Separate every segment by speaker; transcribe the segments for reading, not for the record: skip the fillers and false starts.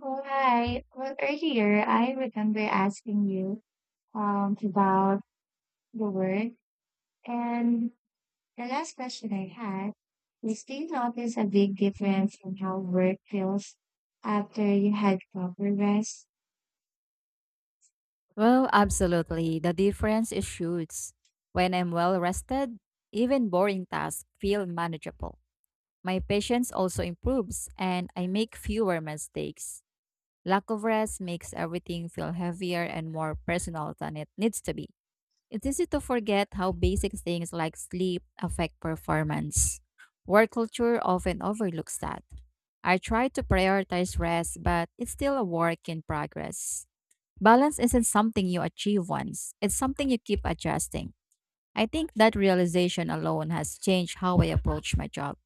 Speaker 1: Right. Well, earlier I remember asking you about the work, and the last question I had is, do you notice a big difference in how work feels after you had proper rest?
Speaker 2: Well, absolutely. The difference is huge. When I'm well rested, even boring tasks feel manageable. My patience also improves and I make fewer mistakes. Lack of rest makes everything feel heavier and more personal than it needs to be. It's easy to forget how basic things like sleep affect performance. Work culture often overlooks that. I try to prioritize rest, but it's still a work in progress. Balance isn't something you achieve once, it's something you keep adjusting. I think that realization alone has changed how I approach my job.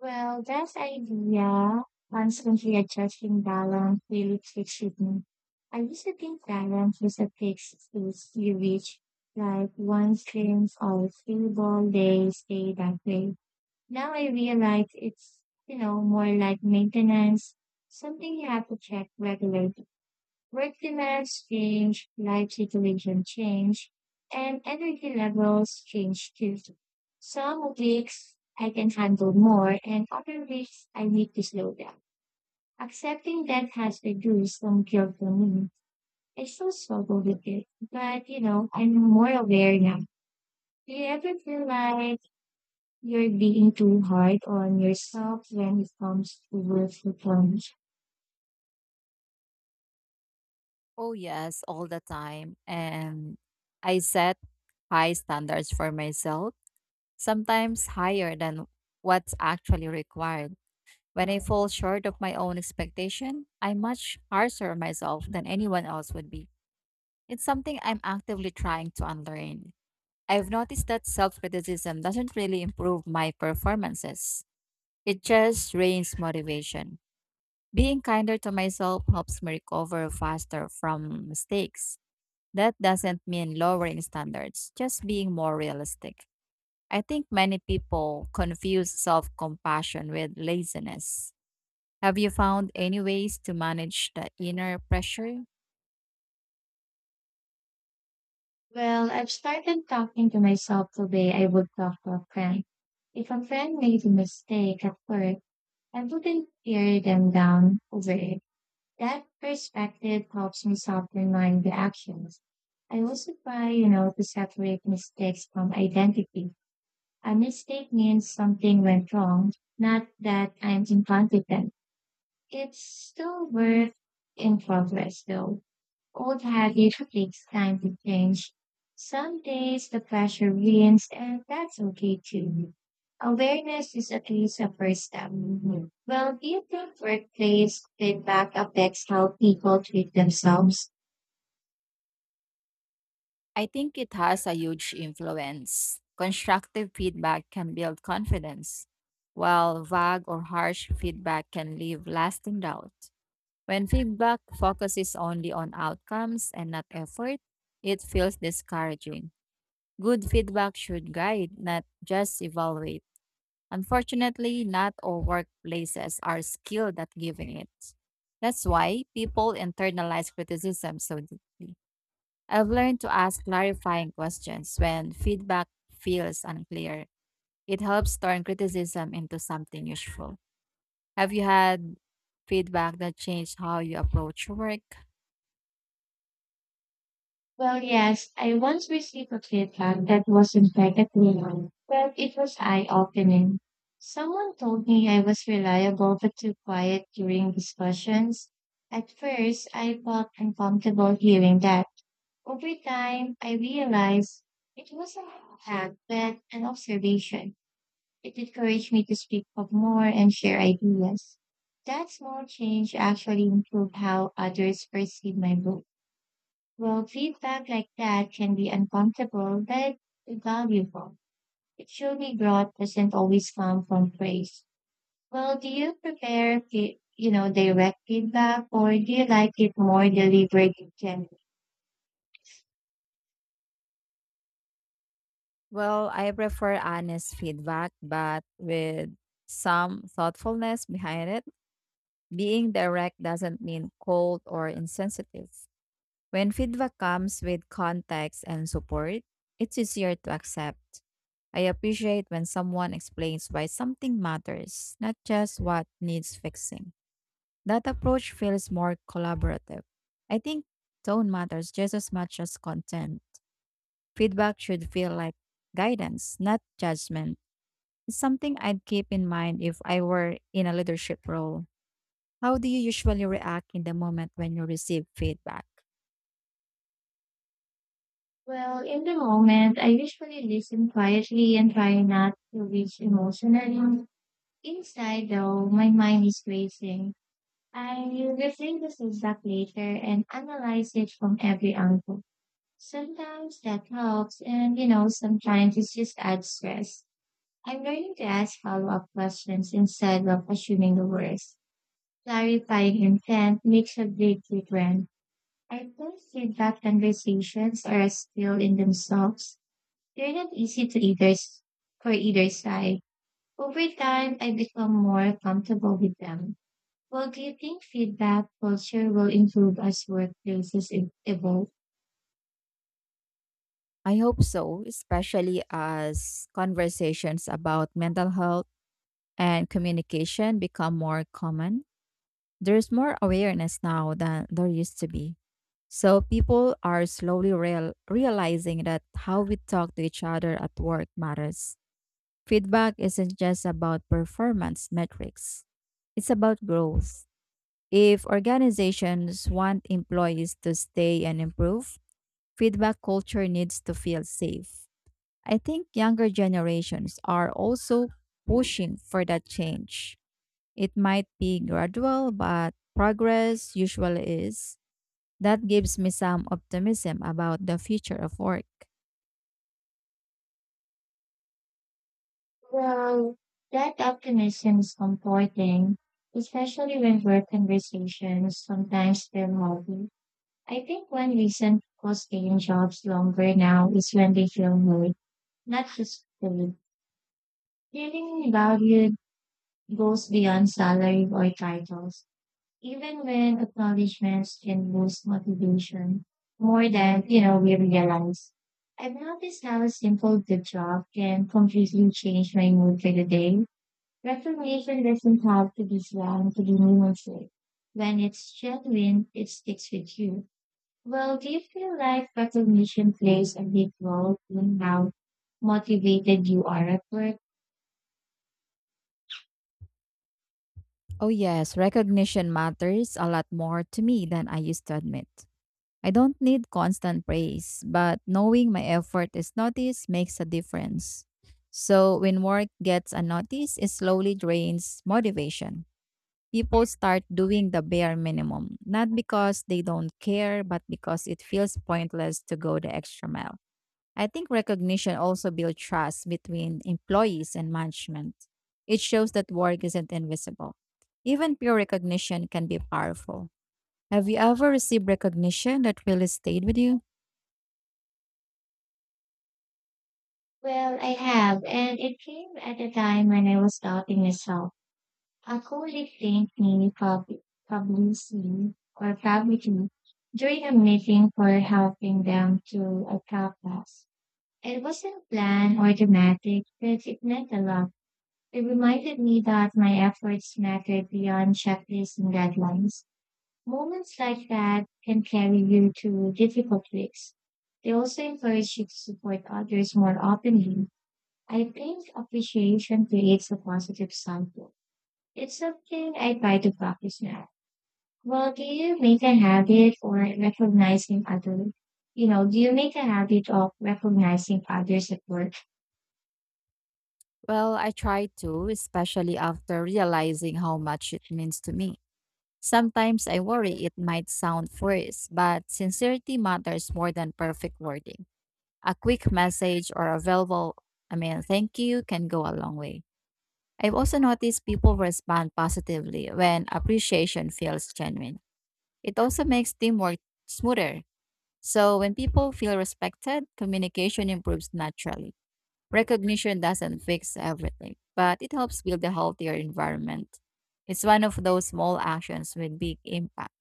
Speaker 1: Well, that idea, constantly adjusting balance, really sticks with me. I used to think balance was a fixed space you reach, like one screen's all stable, they stay that way. Now I realize it's, more like maintenance, something you have to check regularly. Work demands change, life situation change, and energy levels change too. Some weeks I can handle more and other weeks I need to slow down. Accepting that has reduced some guilt for me. I still struggle with it, but I'm more aware now. Do you ever feel like you're being too hard on yourself when it comes to work performance.
Speaker 2: Oh, yes, all the time. And I set high standards for myself, sometimes higher than what's actually required. When I fall short of my own expectation, I'm much harsher on myself than anyone else would be. It's something I'm actively trying to unlearn. I've noticed that self criticism doesn't really improve my performances, it just drains motivation. Being kinder to myself helps me recover faster from mistakes. That doesn't mean lowering standards, just being more realistic. I think many people confuse self compassion with laziness. Have you found any ways to manage the inner pressure?
Speaker 1: Well, I've started talking to myself the way I would talk to a friend. If a friend made a mistake at work, I wouldn't tear them down over it. That perspective helps me soften my reactions. I also try to separate mistakes from identity. A mistake means something went wrong, not that I'm incompetent. It's still worth in progress though. Old habits takes time to change. Some days the pressure wins and that's okay too. Awareness is at least a first step. Well, do you think workplace feedback affects how people treat themselves?
Speaker 2: I think it has a huge influence. Constructive feedback can build confidence, while vague or harsh feedback can leave lasting doubt. When feedback focuses only on outcomes and not effort, it feels discouraging. Good feedback should guide, not just evaluate. Unfortunately, not all workplaces are skilled at giving it. That's why people internalize criticism so deeply. I've learned to ask clarifying questions when feedback feels unclear. It helps turn criticism into something useful. Have you had feedback that changed how you approach your work?
Speaker 1: Well, yes, I once received a feedback that wasn't back at but it was eye-opening. Someone told me I was reliable but too quiet during discussions. At first, I felt uncomfortable hearing that. Over time, I realized it wasn't a fact, but an observation. It encouraged me to speak up more and share ideas. That small change actually improved how others perceive my work. Well, feedback like that can be uncomfortable, but valuable. It surely growth doesn't always come from praise. Well, do you prepare direct feedback or do you like it more delivered and gentle?
Speaker 2: Well, I prefer honest feedback, but with some thoughtfulness behind it. Being direct doesn't mean cold or insensitive. When feedback comes with context and support, it's easier to accept. I appreciate when someone explains why something matters, not just what needs fixing. That approach feels more collaborative. I think tone matters just as much as content. Feedback should feel like guidance, not judgment. It's something I'd keep in mind if I were in a leadership role. How do you usually react in the moment when you receive feedback?
Speaker 1: Well, in the moment, I usually listen quietly and try not to reach emotionally. Inside, though, my mind is racing. I reflect this feedback later and analyze it from every angle. Sometimes that helps, and sometimes it just adds stress. I'm learning to ask follow-up questions instead of assuming the worst. Clarifying intent makes a big difference. I think feedback conversations are a skill in themselves. They're not easy to for either side. Over time, I become more comfortable with them. Well, do you think feedback culture will improve as workplaces evolve?
Speaker 2: I hope so, especially as conversations about mental health and communication become more common. There's more awareness now than there used to be. So people are slowly realizing that how we talk to each other at work matters. Feedback isn't just about performance metrics. It's about growth. If organizations want employees to stay and improve, feedback culture needs to feel safe. I think younger generations are also pushing for that change. It might be gradual, but progress usually is. That gives me some optimism about the future of work.
Speaker 1: Well, that optimism is comforting, especially when work conversations sometimes feel heavy. I think when recent staying jobs longer now is when they feel more, not just paid. Feeling valued goes beyond salary or titles, even when acknowledgments can boost motivation more than we realize. I've noticed how a simple good job can completely change my mood for the day. Reformation doesn't have to be slang to be meaningful. When it's genuine, it sticks with you. Well, do you feel like recognition plays a big role in how motivated you are at work?
Speaker 2: Oh, yes, recognition matters a lot more to me than I used to admit. I don't need constant praise, but knowing my effort is noticed makes a difference. So, when work gets unnoticed, it slowly drains motivation. People start doing the bare minimum, not because they don't care, but because it feels pointless to go the extra mile. I think recognition also builds trust between employees and management. It shows that work isn't invisible. Even pure recognition can be powerful. Have you ever received recognition that really stayed with you?
Speaker 1: Well, I have, and it came at a time when I was doubting myself. A colleague thanked me publicly publicly during a meeting for helping them to a class. It wasn't planned or dramatic, but it meant a lot. It reminded me that my efforts mattered beyond checklists and deadlines. Moments like that can carry you to difficult weeks. They also encourage you to support others more openly. I think appreciation creates a positive cycle. It's something I try to practice now. Well, do you make a habit or recognizing others? You know, do you make a habit of recognizing others at work?
Speaker 2: Well, I try to, especially after realizing how much it means to me. Sometimes I worry it might sound forced, but sincerity matters more than perfect wording. A quick message or a verbal, I mean, thank you can go a long way. I've also noticed people respond positively when appreciation feels genuine. It also makes teamwork smoother. So when people feel respected, communication improves naturally. Recognition doesn't fix everything, but it helps build a healthier environment. It's one of those small actions with big impact.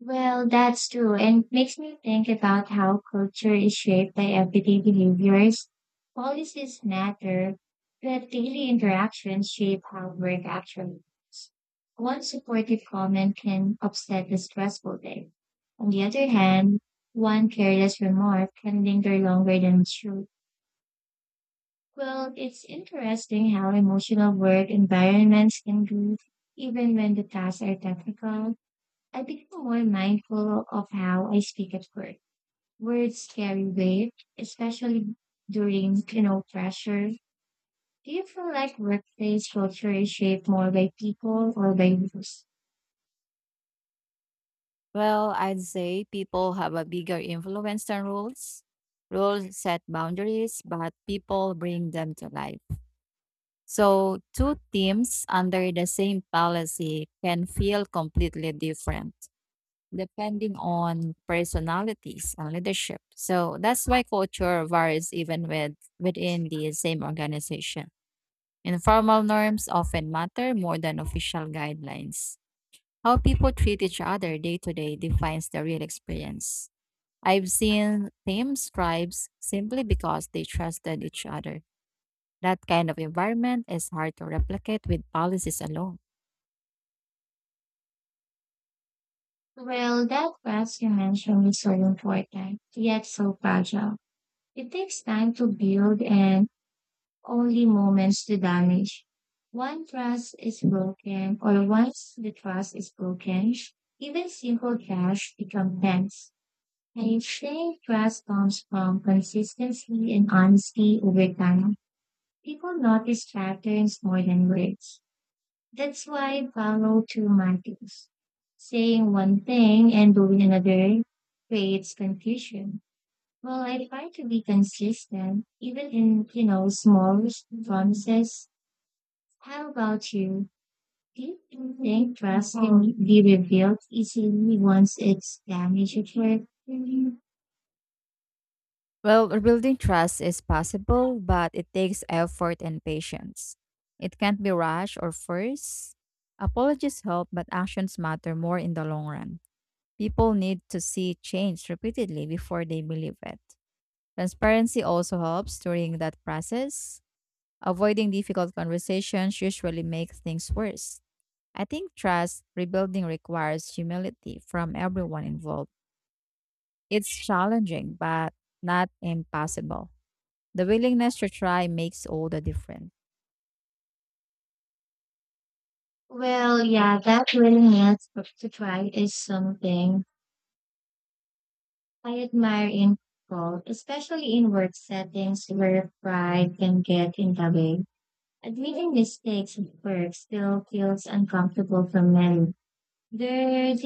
Speaker 1: Well, that's true, and it makes me think about how culture is shaped by everyday behaviors. Policies matter, but daily interactions shape how work actually is. One supportive comment can upset a stressful day. On the other hand, one careless remark can linger longer than it should. Well, it's interesting how emotional work environments can be, even when the tasks are technical. I become more mindful of how I speak at work. Words carry weight, especially during pressure. Do you feel like workplace culture is shaped more by people or by rules?
Speaker 2: Well, I'd say people have a bigger influence than rules. Rules set boundaries, but people bring them to life. So, two teams under the same policy can feel completely different depending on personalities and leadership. So, that's why culture varies within the same organization. Informal norms often matter more than official guidelines. How people treat each other day to day defines the real experience. I've seen teams tribes simply because they trusted each other. That kind of environment is hard to replicate with policies alone.
Speaker 1: Well, that last you mentioned is so important, yet so fragile. It takes time to build and only moments to damage. One trust is broken, or once the trust is broken, even simple cash become tense. I think trust comes from consistency and honesty over time. People notice patterns more than words. That's why follow through matters. Saying one thing and doing another creates confusion. Well, I try to be consistent, even in small promises. How about you? Do you think trust can be revealed easily once it's damaged at work?
Speaker 2: Well, rebuilding trust is possible, but it takes effort and patience. It can't be rushed or forced. Apologies help, but actions matter more in the long run. People need to see change repeatedly before they believe it. Transparency also helps during that process. Avoiding difficult conversations usually makes things worse. I think trust rebuilding requires humility from everyone involved. It's challenging, but not impossible. The willingness to try makes all the difference.
Speaker 1: Well, yeah, that willingness to try is something I admire in people, especially in work settings where pride can get in the way. Admitting mistakes at work still feels uncomfortable for many. There is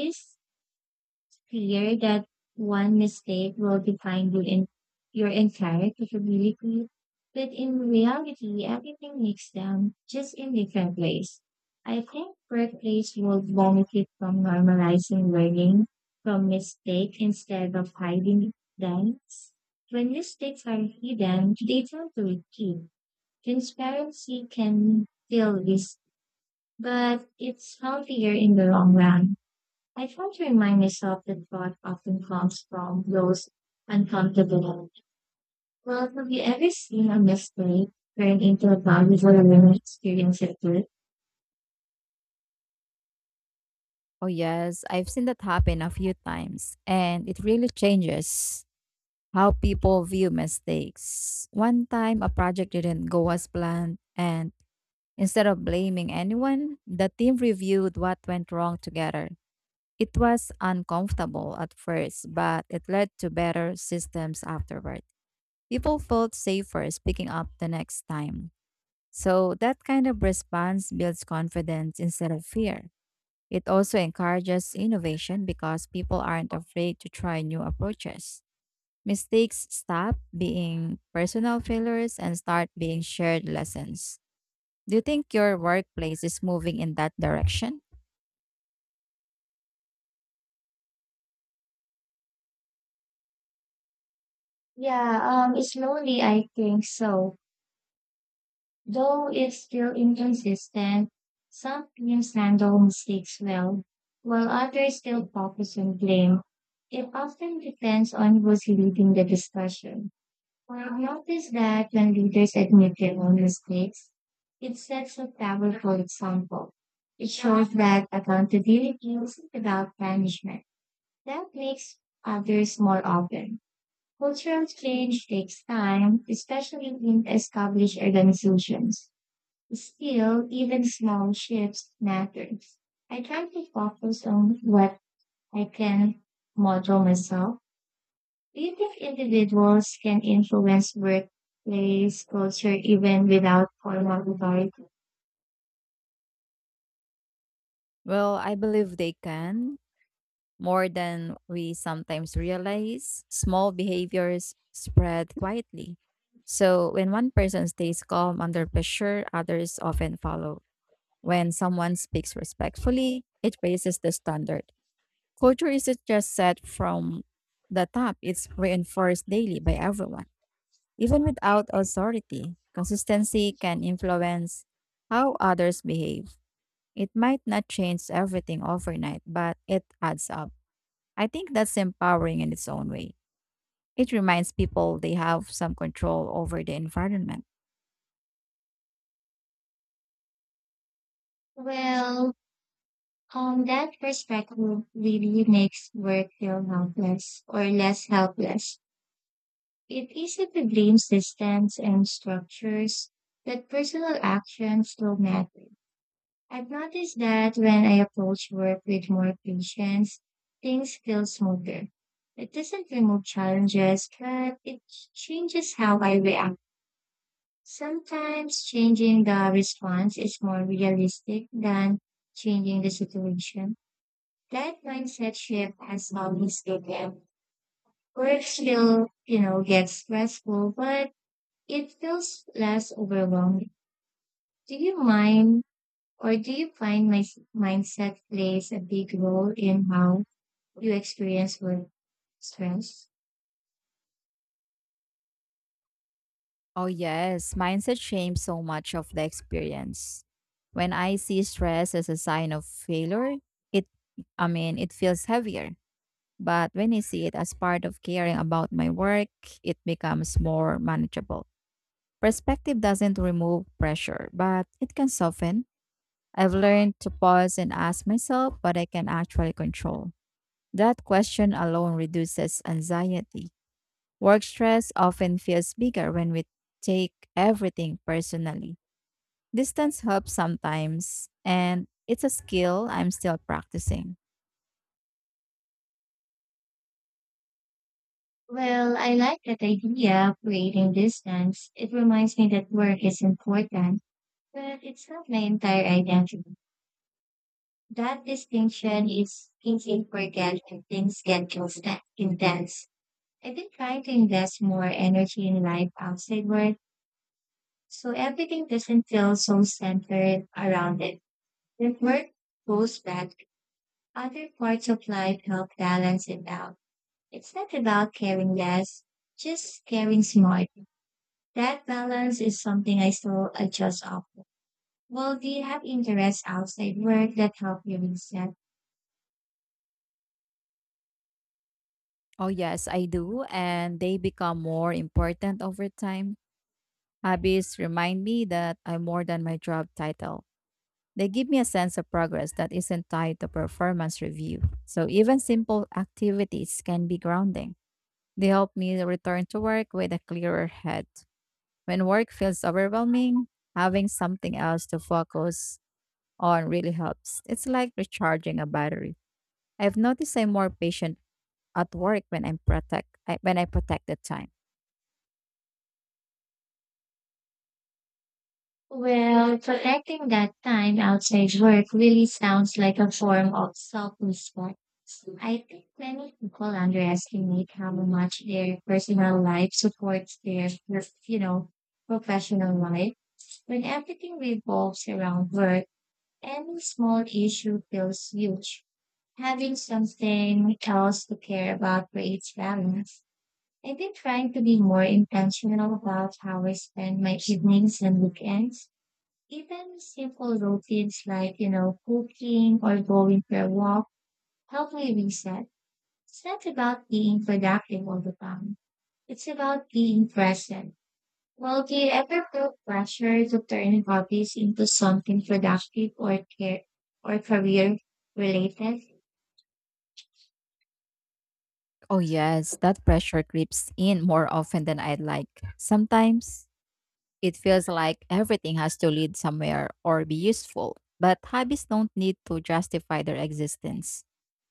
Speaker 1: clear that one mistake will define you in your entire capability. But in reality, everything makes them just in different ways. I think workplace will benefit from normalizing learning from mistakes instead of hiding them. When mistakes are hidden, they tend to repeat. Transparency can feel this, but it's healthier in the long run. I try to remind myself that God often comes from those uncomfortable. Well, have you ever seen a mistake turn into a valuable learning experience at work?
Speaker 2: Oh, yes, I've seen that happen a few times, and it really changes how people view mistakes. One time, a project didn't go as planned, and instead of blaming anyone, the team reviewed what went wrong together. It was uncomfortable at first, but it led to better systems afterward. People felt safer speaking up the next time. So, that kind of response builds confidence instead of fear. It also encourages innovation because people aren't afraid to try new approaches. Mistakes stop being personal failures and start being shared lessons. Do you think your workplace is moving in that direction?
Speaker 1: Yeah, slowly I think so. Though it's still inconsistent, some teams handle mistakes well, while others still focus on blame. It often depends on who's leading the discussion. Well, I noticed that when leaders admit their own mistakes, it sets a powerful example. It shows that accountability isn't about punishment. That makes others more open. Cultural change takes time, especially in established organizations. Still, even small shifts matter. I try to focus on what I can model myself. Do you think individuals can influence workplace culture even without formal authority?
Speaker 2: Well, I believe they can more than we sometimes realize, small behaviors spread quietly. So, when one person stays calm under pressure, others often follow. When someone speaks respectfully, it raises the standard. Culture isn't just set from the top, it's reinforced daily by everyone. Even without authority, consistency can influence how others behave. It might not change everything overnight, but it adds up. I think that's empowering in its own way. It reminds people they have some control over the environment.
Speaker 1: Well, on that perspective really makes work feel helpless or less helpless. It easily blames systems and structures that personal actions don't matter. I've noticed that when I approach work with more patience, things feel smoother. It doesn't remove challenges, but it changes how I react. Sometimes changing the response is more realistic than changing the situation. That mindset shift has always been there. Work still gets stressful, but it feels less overwhelming. Do you mind do you find my mindset plays a big role in how you experience work stress?
Speaker 2: Oh, yes, mindset shames so much of the experience. When I see stress as a sign of failure, it, I mean, it feels heavier. But when I see it as part of caring about my work, it becomes more manageable. Perspective doesn't remove pressure, but it can soften. I've learned to pause and ask myself what I can actually control. That question alone reduces anxiety. Work stress often feels bigger when we take everything personally. Distance helps sometimes, and it's a skill I'm still practicing.
Speaker 1: Well, I like that idea of creating distance. It reminds me that work is important, but it's not my entire identity. That distinction is easy to forget when things get intense. I've been trying to invest more energy in life outside work, so everything doesn't feel so centered around it. When work goes back, other parts of life help balance it out. It's not about caring less, just caring smart. That balance is something I still adjust often. Well, do you have interests outside work that help you reset?
Speaker 2: Oh, yes, I do, and they become more important over time. Hobbies remind me that I'm more than my job title. They give me a sense of progress that isn't tied to performance review. So, even simple activities can be grounding. They help me return to work with a clearer head. When work feels overwhelming, having something else to focus on really helps. It's like recharging a battery. I've noticed I'm more patient at work when when I protect the time.
Speaker 1: Well, protecting that time outside work really sounds like a form of self-respect. I think many people underestimate how much their personal life supports their, you know, professional life. When everything revolves around work, any small issue feels huge. Having something else to care about creates balance. I've been trying to be more intentional about how I spend my evenings and weekends, even simple routines like cooking or going for a walk help me reset. It's not about being productive all the time. It's about being present. Well, do you ever feel pressure to turn hobbies into something productive or career related?
Speaker 2: Oh yes, that pressure creeps in more often than I'd like. Sometimes it feels like everything has to lead somewhere or be useful, but hobbies don't need to justify their existence.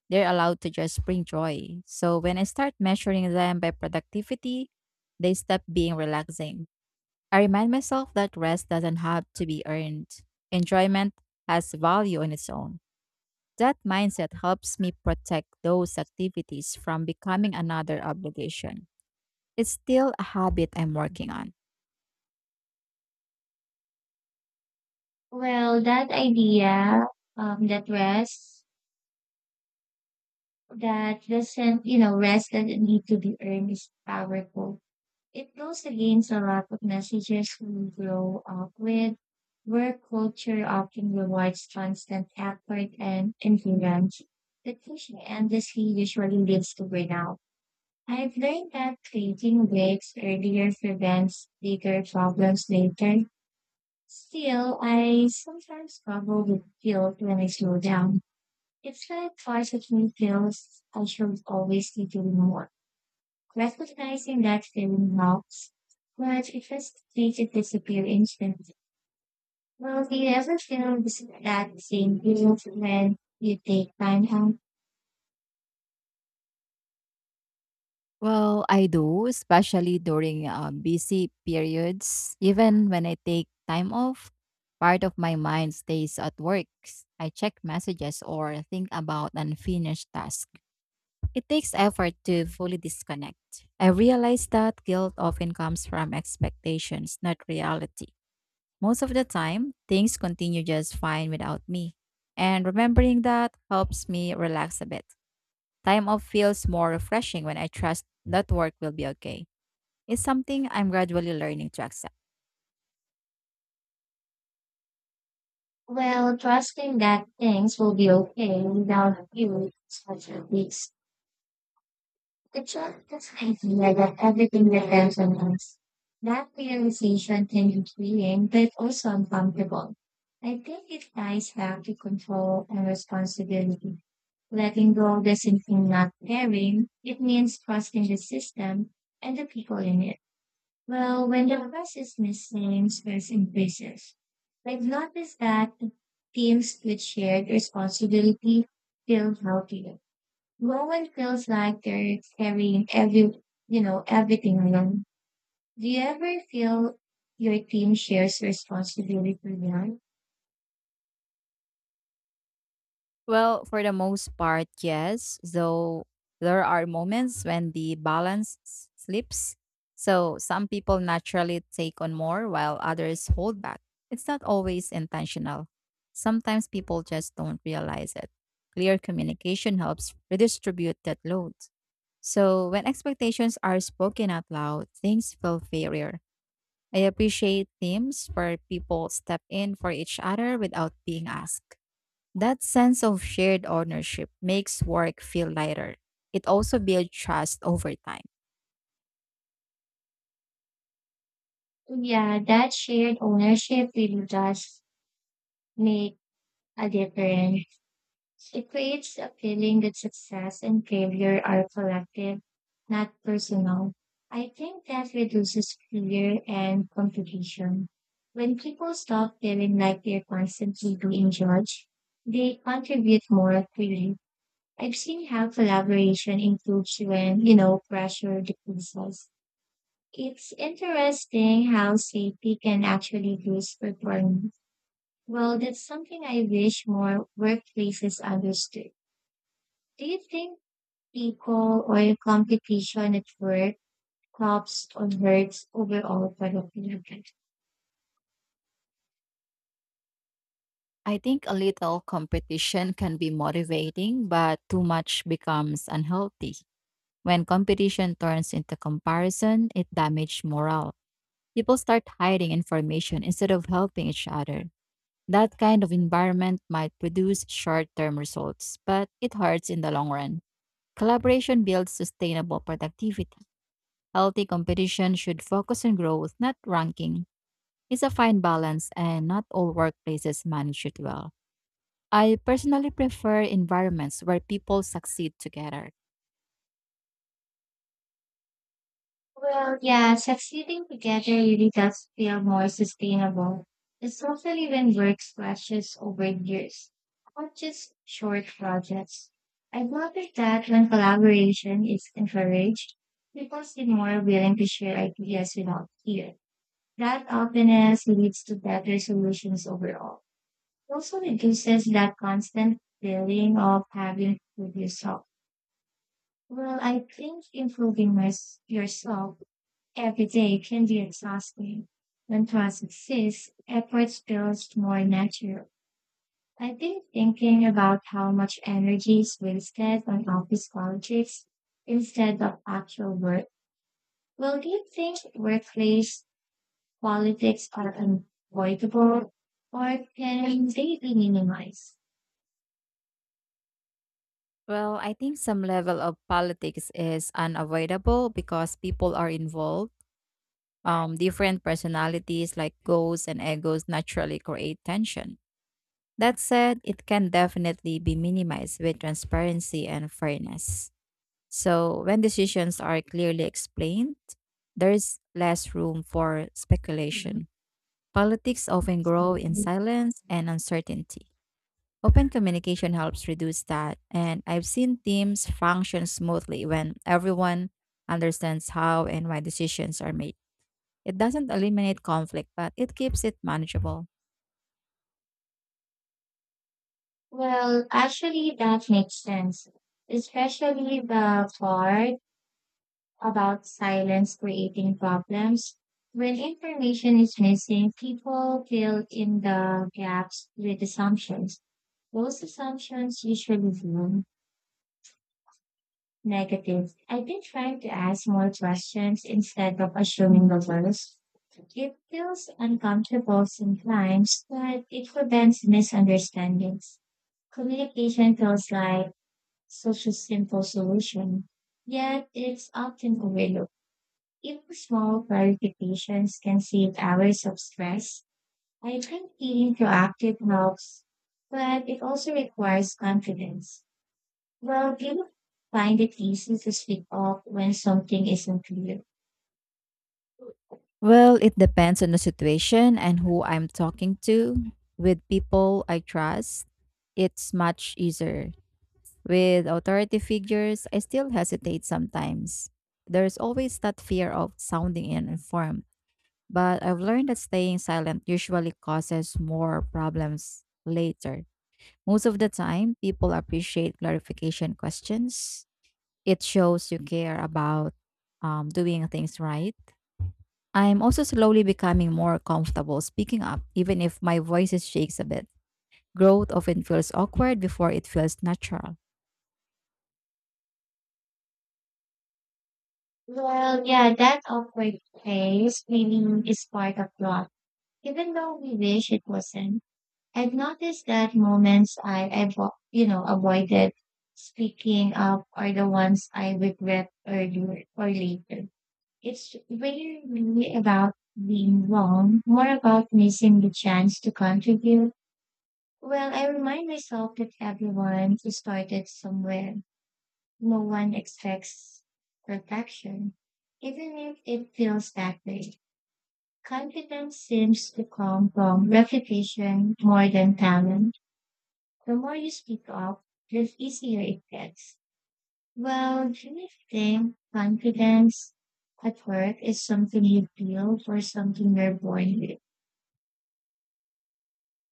Speaker 2: They're allowed to just bring joy. So when I start measuring them by productivity, they stop being relaxing. I remind myself that rest doesn't have to be earned. Enjoyment has value on its own. That mindset helps me protect those activities from becoming another obligation. It's still a habit I'm working on.
Speaker 1: Well, that idea, that rest, that doesn't, you know, rest doesn't need to be earned is powerful. It goes against a lot of messages we grow up with, where culture often rewards constant effort and endurance. But pushing endlessly usually leads to burnout. I've learned that creating breaks earlier prevents bigger problems later. Still, I sometimes struggle with guilt when I slow down. It's like part of me feels I should always be doing more. Recognizing that feeling helps, but it just makes it disappear instantly. Well, do you ever feel that same guilt when you take time out?
Speaker 2: Well, I do, especially during busy periods. Even when I take time off, part of my mind stays at work. I check messages or think about unfinished tasks. It takes effort to fully disconnect. I realize that guilt often comes from expectations, not reality. Most of the time, things continue just fine without me. And remembering that helps me relax a bit. Time off feels more refreshing when I trust that work will be okay. It's something I'm gradually learning to accept.
Speaker 1: Well, trusting that things will be okay without you is such a risk. The truth is idea that everything depends on us. That realization can be freeing, but also uncomfortable. I think it ties back to control and responsibility. Letting go doesn't mean not caring, it means trusting the system and the people in it. Well, when the trust is missing, stress increases. I've noticed that teams with shared responsibility feel healthier. No one feels like they're carrying everything alone. Do you ever feel your team shares responsibility alone?
Speaker 2: Well, for the most part, yes, though there are moments when the balance slips. So some people naturally take on more while others hold back. It's not always intentional. Sometimes people just don't realize it. Clear communication helps redistribute that load. So when expectations are spoken out loud, things feel fairer. I appreciate teams where people step in for each other without being asked. That sense of shared ownership makes work feel lighter. It also builds trust over time.
Speaker 1: Yeah, that shared ownership really does make a difference. It creates a feeling that success and failure are collective, not personal. I think that reduces fear and competition. When people stop feeling like they're constantly being judged, they contribute more freely. I've seen how collaboration improves when pressure decreases. It's interesting how safety can actually boost performance. Well, that's something I wish more workplaces understood. Do you think people or competition at work helps or hurts overall productivity?
Speaker 2: I think a little competition can be motivating, but too much becomes unhealthy. When competition turns into comparison, it damages morale. People start hiding information instead of helping each other. That kind of environment might produce short term results, but it hurts in the long run. Collaboration builds sustainable productivity. Healthy competition should focus on growth, not ranking. It's a fine balance, and not all workplaces manage it well. I personally prefer environments where people succeed together.
Speaker 1: Well, yeah, succeeding together really does feel more sustainable, especially when work splashes over years, not just short projects. I've noticed that when collaboration is encouraged, people seem more willing to share ideas without fear. That openness leads to better solutions overall. Also reduces that constant feeling of having to do yourself. Well, I think yourself every day can be exhausting. When trust exists, effort feels more natural. I've been thinking about how much energy is wasted on office politics instead of actual work. Well, do you think workplace politics are unavoidable or can they be minimized?
Speaker 2: Well, I think some level of politics is unavoidable because people are involved. Different personalities like goals and egos naturally create tension. That said, it can definitely be minimized with transparency and fairness. So, when decisions are clearly explained, there is less room for
Speaker 1: Mhm.
Speaker 2: speculation. Politics often grow in silence and uncertainty. Open communication helps reduce that, and I've seen teams function smoothly when everyone understands how and why decisions are made. It doesn't eliminate conflict, but it keeps it manageable.
Speaker 1: Well, actually, that makes sense, especially the part about silence creating problems. When information is missing, people fill in the gaps with assumptions. Those assumptions usually seem negative. I've been trying to ask more questions instead of assuming the worst. It feels uncomfortable sometimes, but it prevents misunderstandings. Communication feels like such a simple solution, yet it's often overlooked. Even small clarifications can save hours of stress. I think being proactive helps, but it also requires confidence. Well, do you find it easy to speak up when something isn't clear?
Speaker 2: Well, it depends on the situation and who I'm talking to. With people I trust, it's much easier. With authority figures, I still hesitate sometimes. There's always that fear of sounding uninformed, but I've learned that staying silent usually causes more problems later. Most of the time, people appreciate clarification questions. It shows you care about doing things right. I'm also slowly becoming more comfortable speaking up, even if my voice shakes a bit. Growth often feels awkward before it feels natural.
Speaker 1: Well, yeah, that awkward phase really is part of growth, even though we wish it wasn't. I've noticed that moments I avoided speaking up are the ones I regret earlier or later. It's really about being wrong, more about missing the chance to contribute. Well, I remind myself that everyone started somewhere. No one expects perfection, even if it feels that way. Confidence seems to come from repetition more than talent. The more you speak up, the easier it gets. Well, do you think confidence at work is something you feel or something you're born with?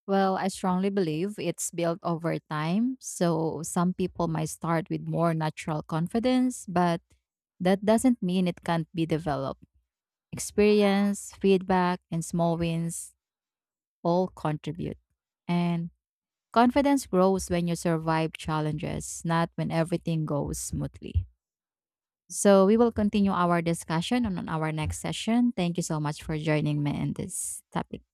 Speaker 2: Well, I strongly believe it's built over time. So some people might start with more natural confidence, but that doesn't mean it can't be developed. Experience, feedback, and small wins all contribute. And confidence grows when you survive challenges, not when everything goes smoothly. So we will continue our discussion on our next session. Thank you so much for joining me in this topic.